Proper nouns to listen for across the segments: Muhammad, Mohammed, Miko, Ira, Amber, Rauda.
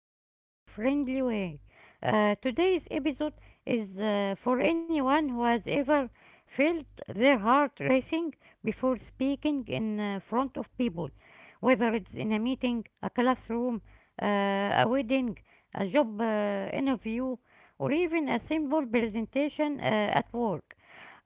in a clear, friendly way. Today's episode is for anyone who has ever felt their heart racing before speaking in front of people, whether it's in a meeting, a classroom, a wedding, a job interview, or even a simple presentation at work.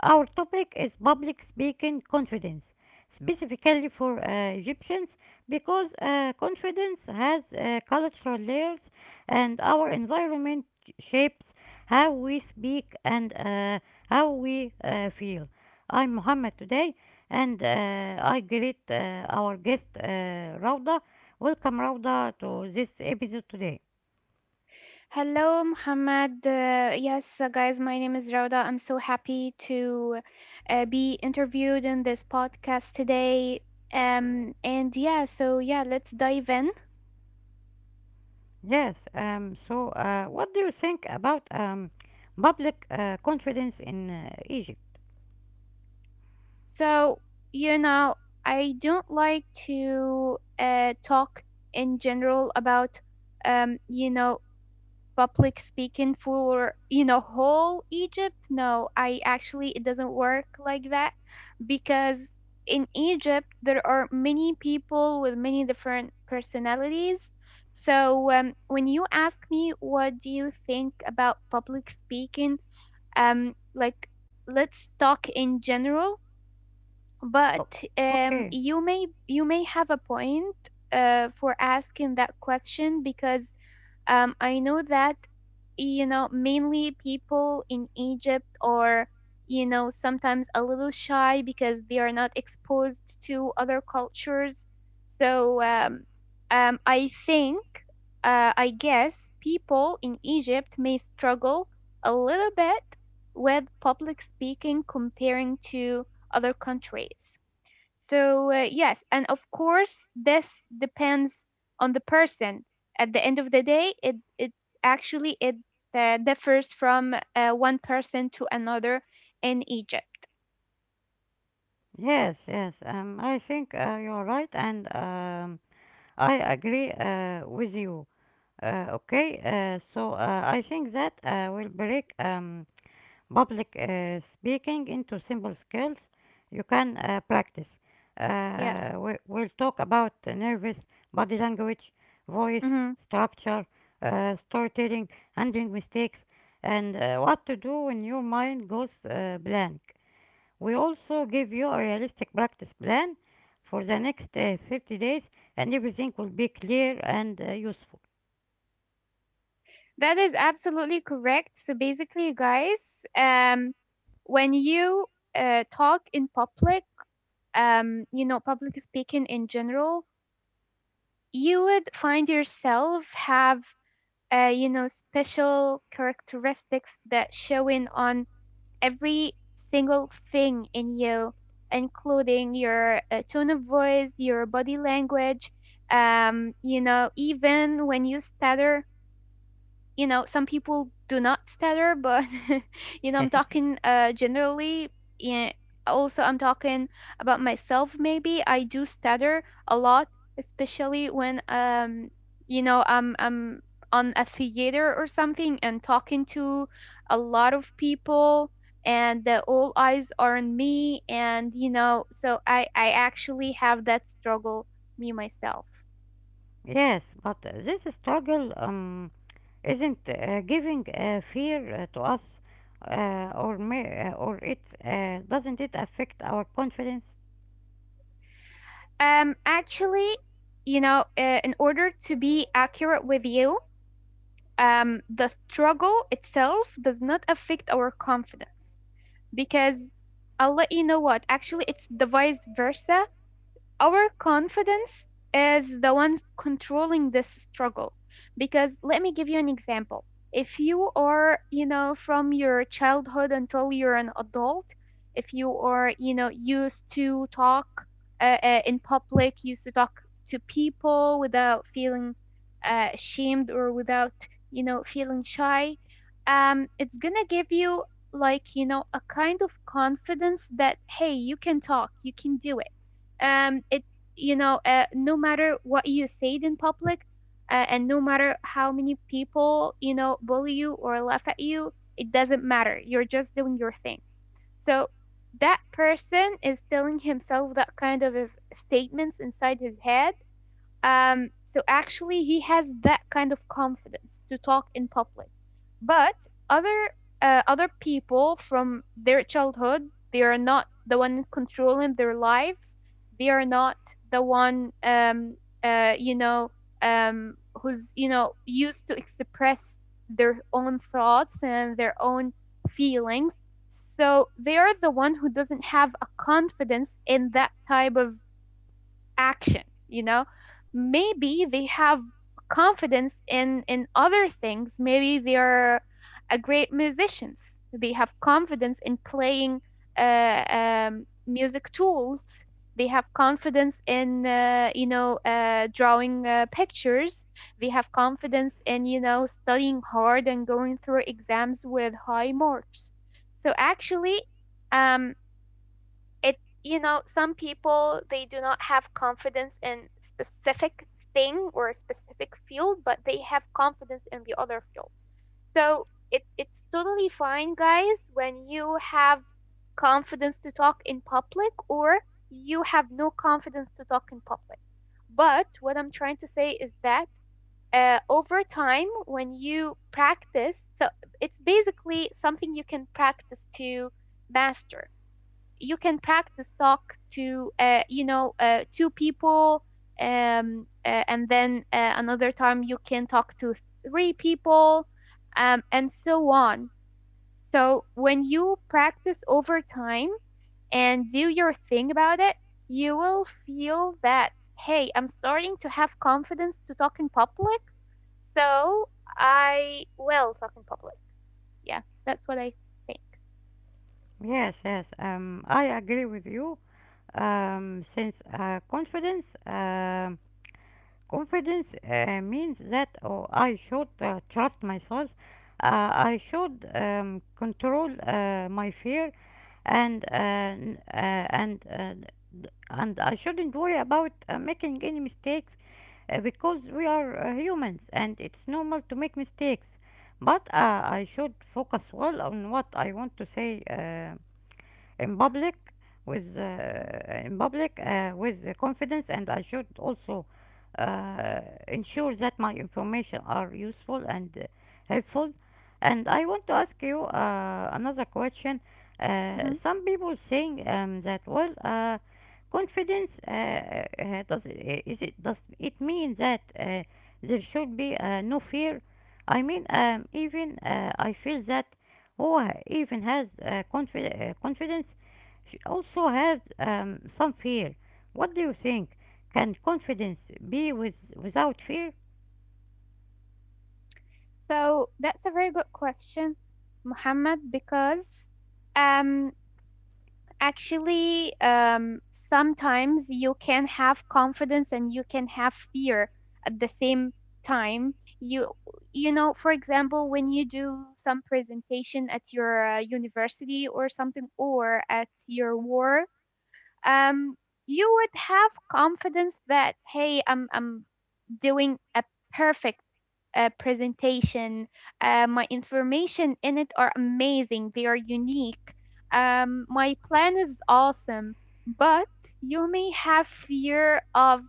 Our topic is public speaking confidence, specifically for Egyptians, because confidence has cultural layers, and our environment shapes how we speak and how we feel. I'm Mohammed today, and I greet our guest Rauda. Welcome, Rauda, to this episode today. Hello, Muhammad. Yes, guys, my name is Rauda. I'm so happy to be interviewed in this podcast today. And yeah, so yeah, let's dive in. Yes. What do you think about public confidence in Egypt? So, you know, I don't like to talk in general about, you know, public speaking for you know whole Egypt. No, I actually it doesn't work like that because in Egypt there are many people with many different personalities. So, when you ask me what do you think about public speaking, like let's talk in general. Oh, But okay. you may have a point for asking that question because I know that, you know, mainly people in Egypt are, you know, sometimes a little shy because they are not exposed to other cultures. So, I think, I guess, people in Egypt may struggle a little bit with public speaking comparing to other countries. So, yes, and of course, this depends on the person. At the end of the day, it actually it differs from one person to another in Egypt. Yes, yes. I think you're right, and I agree with you. Okay. I think that will break. Public speaking into simple skills you can practice. Yes. We'll talk about nervous body language, voice, Mhm. structure, storytelling, handling mistakes, and what to do when your mind goes blank. We also give you a realistic practice plan for the next 30 days, and everything will be clear and useful. That is absolutely correct. So basically, guys, when you talk in public, you know, public speaking in general, you would find yourself have you know, special characteristics that showing on every single thing in you, including your tone of voice, your body language, you know, even when you stutter, you know some people do not stutter but you know I'm talking generally. Yeah, also I'm talking about myself, maybe I do stutter a lot, especially when you know I'm on a theater or something and talking to a lot of people and the all eyes are on me and you know so I actually have that struggle, me myself. Yes, but this struggle isn't giving fear to us or it doesn't it affect our confidence? Actually, you know, in order to be accurate with you, the struggle itself does not affect our confidence because I'll let you know what. Actually, it's the vice versa, our confidence is the one controlling this struggle, because let me give you an example. If you are you know from your childhood until you're an adult, if you are you know used to talk in public, used to talk to people without feeling ashamed or without you know feeling shy, it's gonna give you like you know a kind of confidence that hey you can talk, you can do it. It you know no matter what you said in public, and no matter how many people you know bully you or laugh at you, it doesn't matter, you're just doing your thing. So that person is telling himself that kind of statements inside his head. Um, so actually, he has that kind of confidence to talk in public. But other other people from their childhood, they are not the one controlling their lives. They are not the one, you know, um, who's you know used to express their own thoughts and their own feelings. So they are the one who doesn't have a confidence in that type of action. You know, maybe they have confidence in other things, maybe they're a great musicians, they have confidence in playing music tools, they have confidence in you know drawing pictures, they have confidence in you know studying hard and going through exams with high marks. So actually um, it you know some people they do not have confidence in specific thing or a specific field but they have confidence in the other field. So it's totally fine guys when you have confidence to talk in public or you have no confidence to talk in public, but what I'm trying to say is that over time when you practice, so it's basically something you can practice to master. You can practice talk to you know two people, and then another time you can talk to three people, and so on. So when you practice over time and do your thing about it, you will feel that hey I'm starting to have confidence to talk in public, so I will talk in public. Yeah, that's what I think. Yes, yes, I agree with you. Since confidence means that, oh, I should trust myself, I should control my fear, and and I shouldn't worry about making any mistakes, because we are humans and it's normal to make mistakes. But I should focus well on what I want to say. In public with Mhm. In public with confidence, and I should also uh, ensure that my information are useful and helpful. And I want to ask you another question. Mhm. Some people saying that, well, confidence does is it, does it mean that there should be no fear? I mean, even I feel that who even has confidence also has some fear. What do you think? Can confidence be with, without fear? So that's a very good question, Muhammad, because um, actually, sometimes you can have confidence and you can have fear at the same time. You, you know, for example, when you do some presentation at your university or something, or at your work, um, you would have confidence that, hey, I'm doing a perfect presentation. My information in it are amazing. They are unique. My plan is awesome, but you may have fear of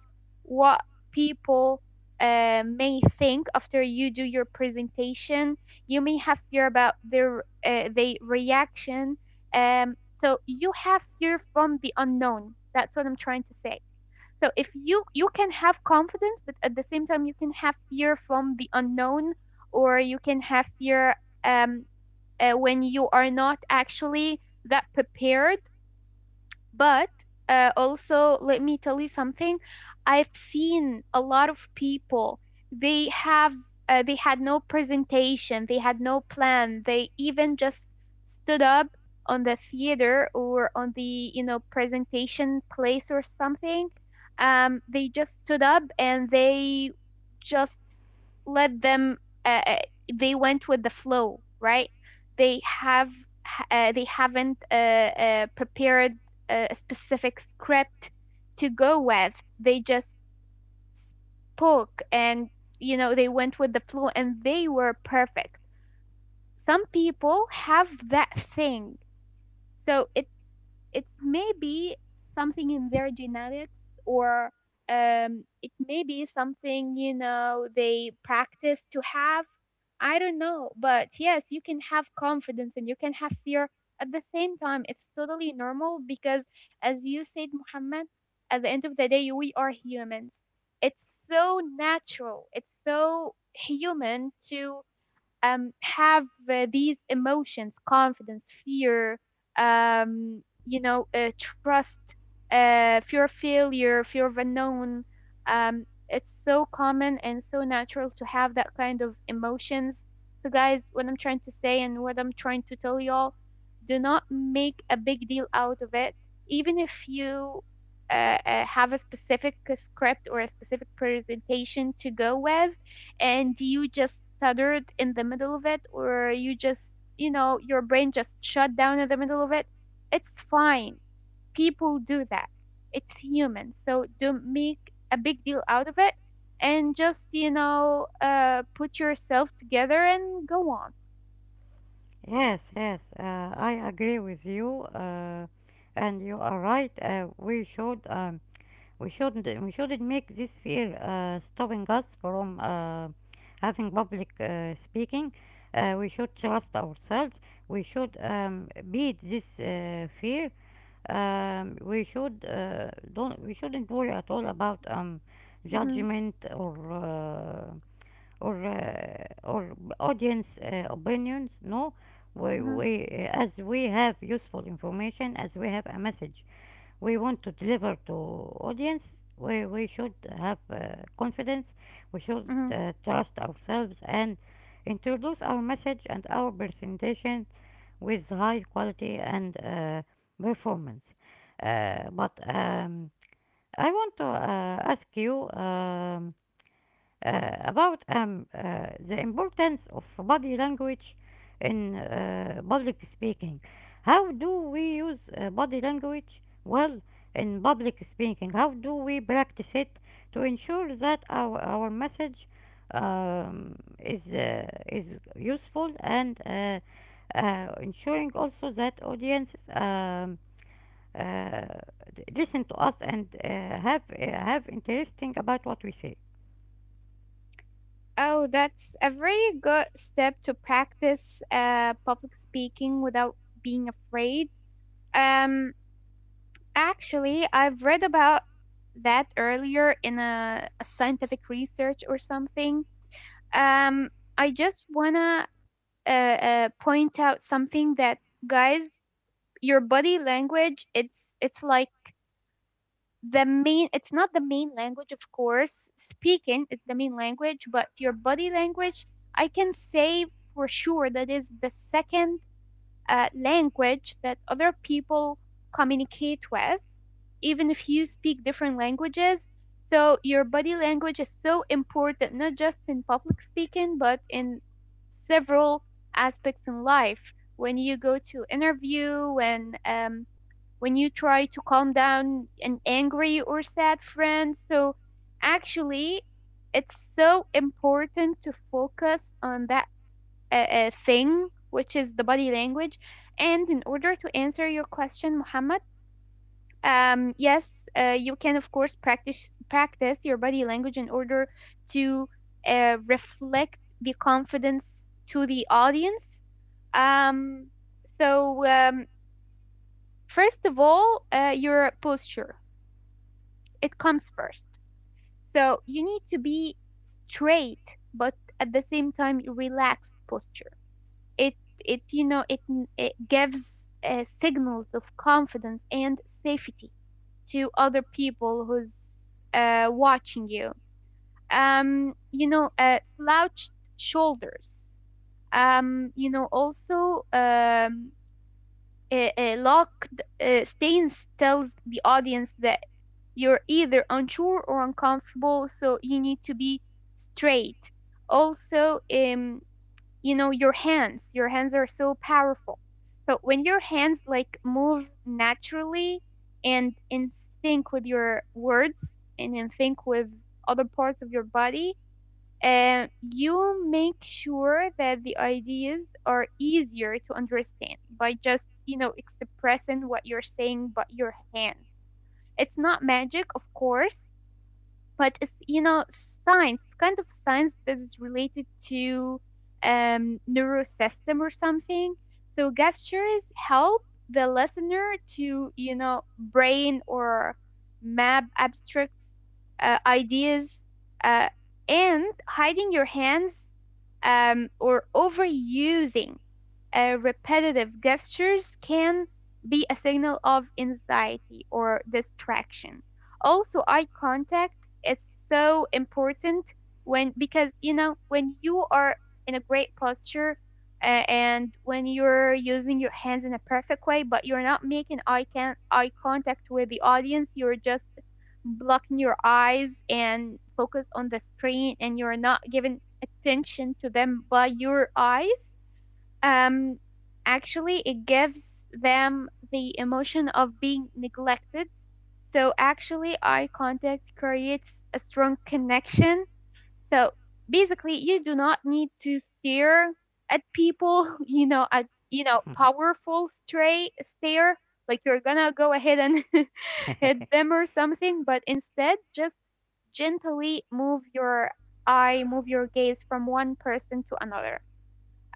what people may think after you do your presentation. You may have fear about their the reaction. Um, so you have fear from the unknown. That's what I'm trying to say. So if you you can have confidence, but at the same time you can have fear from the unknown, or you can have fear um, when you are not actually that prepared. But also, let me tell you something. I've seen a lot of people. They have they had no presentation. They had no plan. They even just stood up on the theater or on the you know presentation place or something. They just stood up and they just let them. Uh, uh, they went with the flow, right? They have they haven't prepared a specific script to go with. They just spoke and, you know, they went with the flow and they were perfect. Some people have that thing, so it's maybe something in their genetics, or it may be something you know they practice to have. I don't know, but yes, you can have confidence and you can have fear at the same time. It's totally normal because, as you said, Muhammad, at the end of the day, we are humans. It's so natural. It's so human to have these emotions, confidence, fear, you know, trust, fear of failure, fear of unknown. um, it's so common and so natural to have that kind of emotions. So guys, what I'm trying to say and what I'm trying to tell y'all, do not make a big deal out of it. Even if you have a specific script or a specific presentation to go with and you just stuttered in the middle of it or you just you know your brain just shut down in the middle of it, it's fine. People do that. It's human. So don't make a big deal out of it and just, you know, put yourself together and go on. Yes, yes, I agree with you, and you are right. We shouldn't make this fear stopping us from having public speaking. We should trust ourselves. We should beat this fear. We shouldn't worry at all about Hmm. judgment or audience opinions. No, we Hmm. we as we have useful information, as we have a message we want to deliver to audience, we should have confidence. We should Hmm. Trust ourselves and introduce our message and our presentation with high quality and performance. But I want to ask you about the importance of body language in public speaking. How do we use body language well in public speaking? How do we practice it to ensure that our message is useful, and ensuring also that audiences uh, listen to us and have interesting about what we say. Oh, that's a very good step to practice public speaking without being afraid. Um, Actually, I've read about that earlier in a scientific research or something. Um, I just wanna point out something that guys, your body language, it's like the main it's not the main language, of course speaking is the main language, but your body language I can say for sure that is the second language that other people communicate with, even if you speak different languages. So your body language is so important not just in public speaking but in several aspects in life, when you go to interview, when you try to calm down an angry or sad friend. So actually, it's so important to focus on that thing, which is the body language. And in order to answer your question, Muhammad, yes, you can of course practice your body language in order to reflect the confidence to the audience. Um, so um, First of all, your posture, it comes first. So you need to be straight, but at the same time relaxed posture. It it you know it gives signals of confidence and safety to other people who's watching you. You know, slouched shoulders. You know, also A locked stance tells the audience that you're either unsure or uncomfortable, so you need to be straight. Also Your hands are so powerful, so when your hands like move naturally and in sync with your words and in sync with other parts of your body, you make sure that the ideas are easier to understand by just expressing what you're saying but your hands. It's not magic, of course, but it's, science. It's kind of science that is related to neurosystem or something. So gestures help the listener to, you know, brain or map abstract ideas, uh, and hiding your hands or overusing repetitive gestures can be a signal of anxiety or distraction. Also, eye contact is so important, when because you know, when you are in a great posture and when you're using your hands in a perfect way, but you're not making eye contact with the audience, you're just blocking your eyes and focus on the screen, and you're not giving attention to them by your eyes. um, Actually, it gives them the emotion of being neglected. So, actually, eye contact creates a strong connection. So, basically, you do not need to stare at people, you know, at, you know, powerful stray stare, like you're gonna go ahead and hit them or something, but instead, just gently move your eye, move your gaze from one person to another.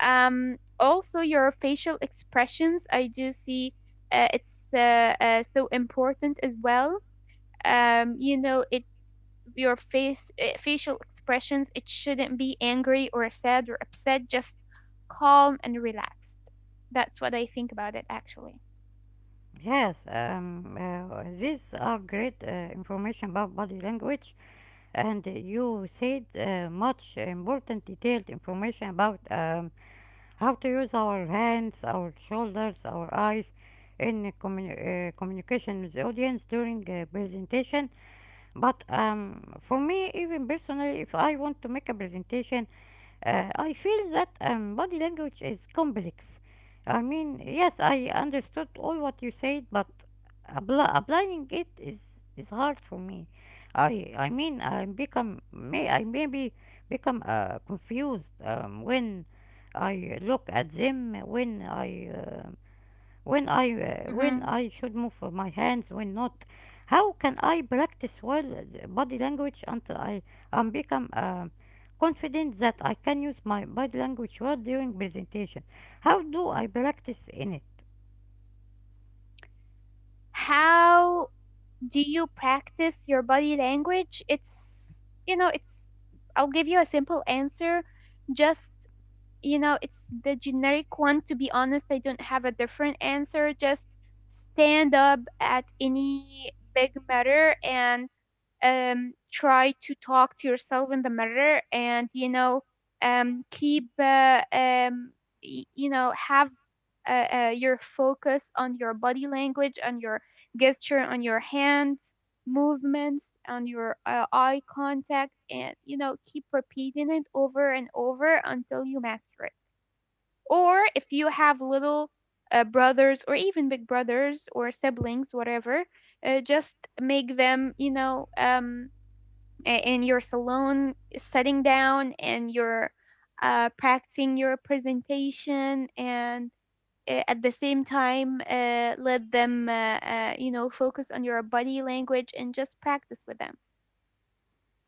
Also, your facial expressions, I do see it's so important as well. um you know it your face, facial expressions, it shouldn't be angry or sad or upset, just calm and relaxed. That's what I think about it, actually. Yes, these are great information about body language, and you said much important detailed information about how to use our hands, our shoulders, our eyes in communication with the audience during a presentation. But for me, even personally, if I want to make a presentation, I feel that body language is complex. I mean, yes, I understood all what you said, but applying it is hard for me. I mean, I maybe become confused when I look at them, when I when I Hmm. when I should move my hands, when not. How can I practice well the body language until I am become confident that I can use my body language well during presentation? How do I practice in it? How do you practice your body language? It's, you know, it's, I'll give you a simple answer. Just, you know, it's the generic one. To be honest, I don't have a different answer. Just stand up at any big matter and try to talk to yourself in the mirror and, you know, keep, you know, have your focus on your body language, on your gesture, on your hands movements, on your eye contact, and you know, keep repeating it over and over until you master it. Or if you have little brothers or even big brothers or siblings, whatever, just make them, you know, in your salon sitting down and you're practicing your presentation and at the same time, let them you know, focus on your body language and just practice with them.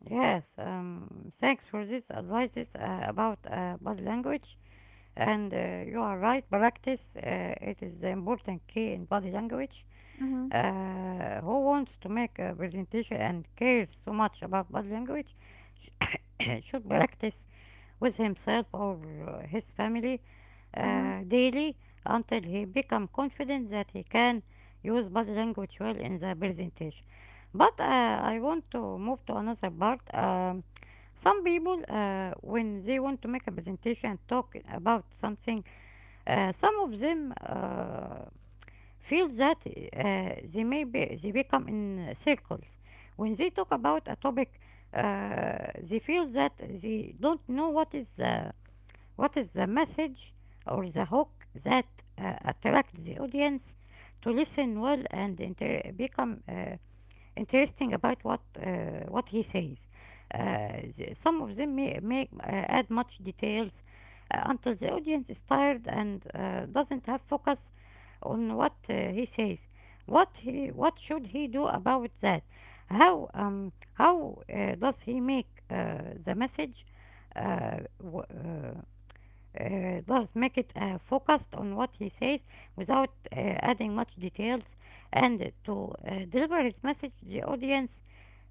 Yes, thanks for these advices about body language. And you are right, practice it is the important key in body language. Hmm. Who wants to make a presentation and cares so much about body language should practice with himself or his family Hmm. Daily until he become confident that he can use body language well in the presentation. But I want to move to another part. Some people, when they want to make a presentation talking about something, some of them feel that they become in circles. When they talk about a topic, they feel that they don't know what is the message or the hook that attracts the audience to listen well and become. Interesting about what he says. Some of them may add much details until the audience is tired and doesn't have focus on what he says. What he, what should he do about that? How does he make the message uh, w- uh, does make it focused on what he says without adding much details, and to deliver his message to the audience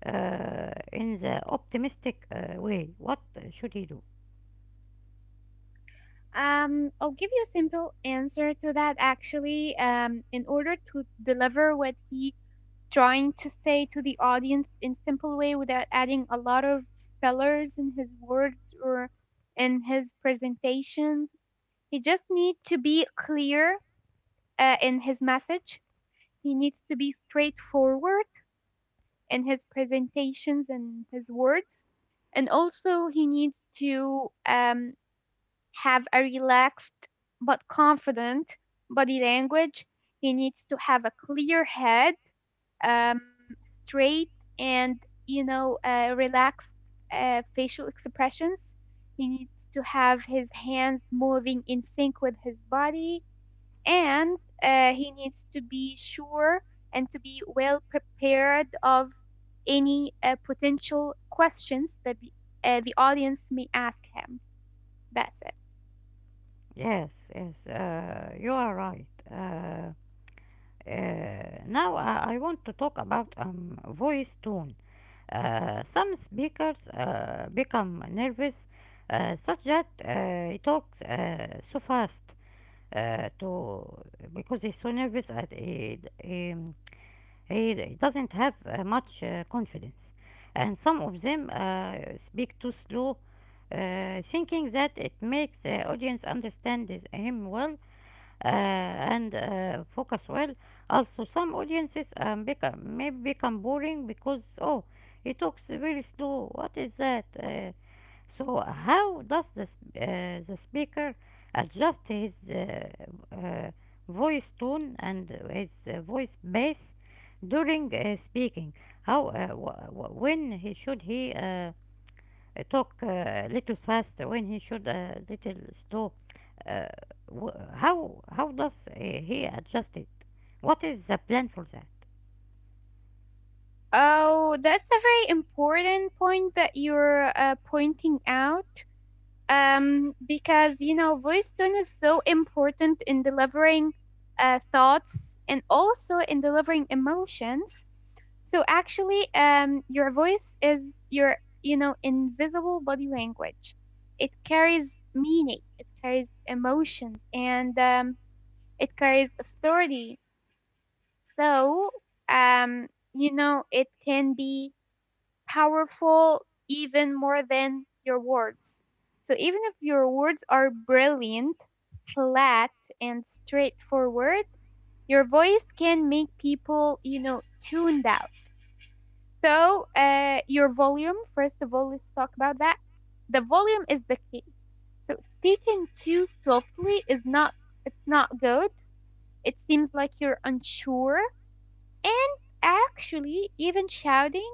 in the optimistic way. What should he do? I'll give you a simple answer to that, actually. In order to deliver what he trying to say to the audience in simple way without adding a lot of fillers in his words or in his presentations, he just need to be clear in his message. He needs to be straightforward in his presentations and his words. And also he needs to have a relaxed but confident body language. He needs to have a clear head, um, straight, and you know, relaxed facial expressions. He needs to have his hands moving in sync with his body, and he needs to be sure and to be well prepared of any potential questions that the audience may ask him. That's it. Yes, yes, you are right. Uh, now I want to talk about voice tone. Some speakers become nervous, such that he talks so fast to because he's so nervous at he doesn't have much confidence, and some of them speak too slow, thinking that it makes the audience understand him well and focus well. Also, some audiences may become boring because, oh, he talks very slow. What is that? So, how does the speaker adjust his uh, voice tone and his voice bass during speaking? How, w- w- when he should he talk a little fast, when he should a little slow? Uh, how does he adjust it? What is the plan for that? Oh, that's a very important point that you're pointing out. Because you know, voice tone is so important in delivering thoughts and also in delivering emotions. So actually, your voice is your, you know, invisible body language. It carries meaning, it carries emotion, and it carries authority. So, um, you know, it can be powerful even more than your words. So even if your words are brilliant, flat, and straightforward, your voice can make people, you know, tuned out. So your volume, first of all, let's talk about that. The volume is the key. So speaking too softly is not, it's not good. It seems like you're unsure, and actually, even shouting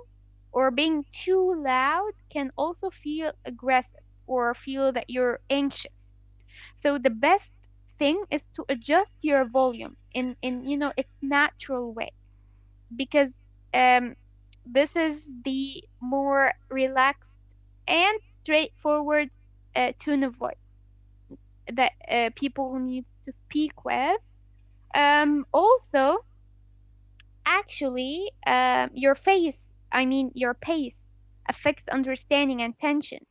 or being too loud can also feel aggressive or feel that you're anxious. So the best thing is to adjust your volume in, you know, its natural way, because um this is the more relaxed and straightforward tone of voice that people need to speak with. Also Actually, your face, I mean, your pace affects understanding and tension.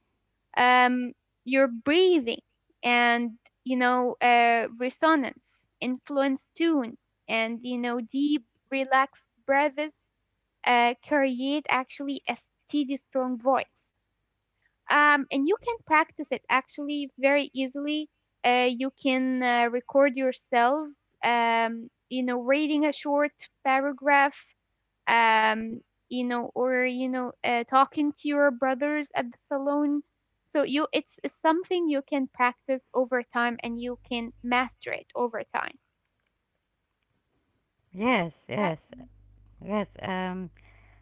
Um, your breathing and, you know, resonance influence tune, and you know, deep, relaxed breaths create actually a steady, strong voice. And you can practice it, actually, very easily. You can record yourself, you know, reading a short paragraph, um you know, or you know, talking to your brothers at the salon. So you, it's something you can practice over time and you can master it over time. Yes, But yes, yes. Um,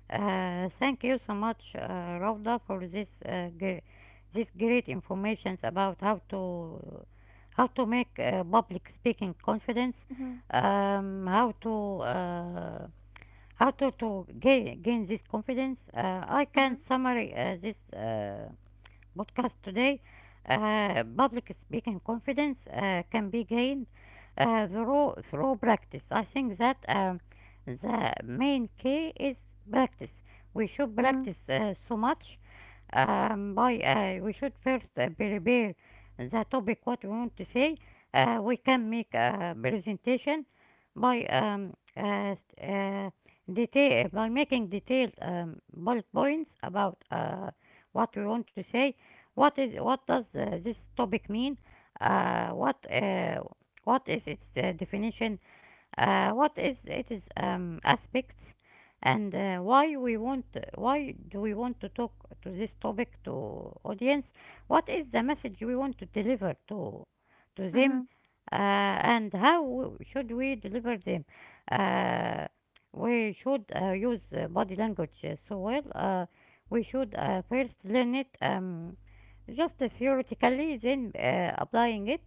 uh, Thank you so much, Rauda, for this this great information about how to make public speaking confidence, mm-hmm. How to. How to gain, gain this confidence. I Mm-hmm. can summary this podcast today, public speaking confidence can be gained through through practice. I think that the main key is practice. We should Mm-hmm. practice so much. By we should first prepare the topic what we want to say. We can make a presentation by st- uh, detail by making detailed bullet points about what we want to say. What does this topic mean? Uh, what uh, what is its definition? What is its aspects? And why do we want to talk to this topic to audience? What is the message we want to deliver to Mm-hmm. them? And how should we deliver them? Uh, we should use body language so well. We should first learn it. Just theoretically, then applying it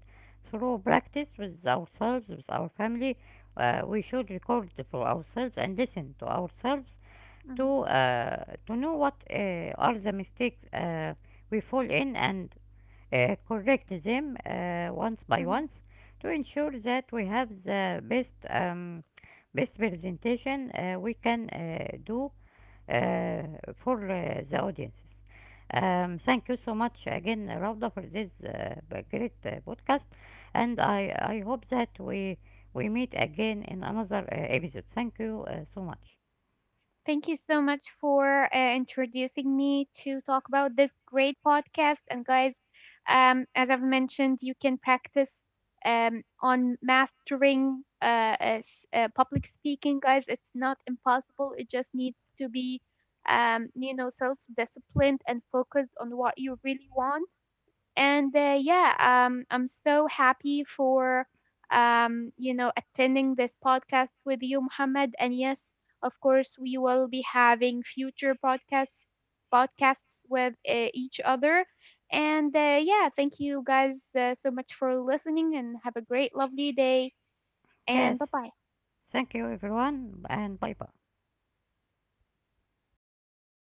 through practice with ourselves, with our family. We should record for ourselves and listen to ourselves Mm-hmm. To know what are the mistakes we fall in, and correct them once by Mm-hmm. once to ensure that we have the best best presentation we can do uh, for the audiences. Thank you so much again, Rauda, for this great podcast, and I hope that we meet again in another episode. Thank you so much. Thank you so much for introducing me to talk about this great podcast. And guys, as I've mentioned, you can practice on mastering public speaking, guys. It's not impossible. It just needs to be, you know, self-disciplined and focused on what you really want, and yeah, I'm so happy for, you know, attending this podcast with you, Muhammad, and yes, of course we will be having future podcasts with each other. And yeah, thank you guys so much for listening and have a great lovely day. And bye Yes, bye. thank you everyone, and bye bye.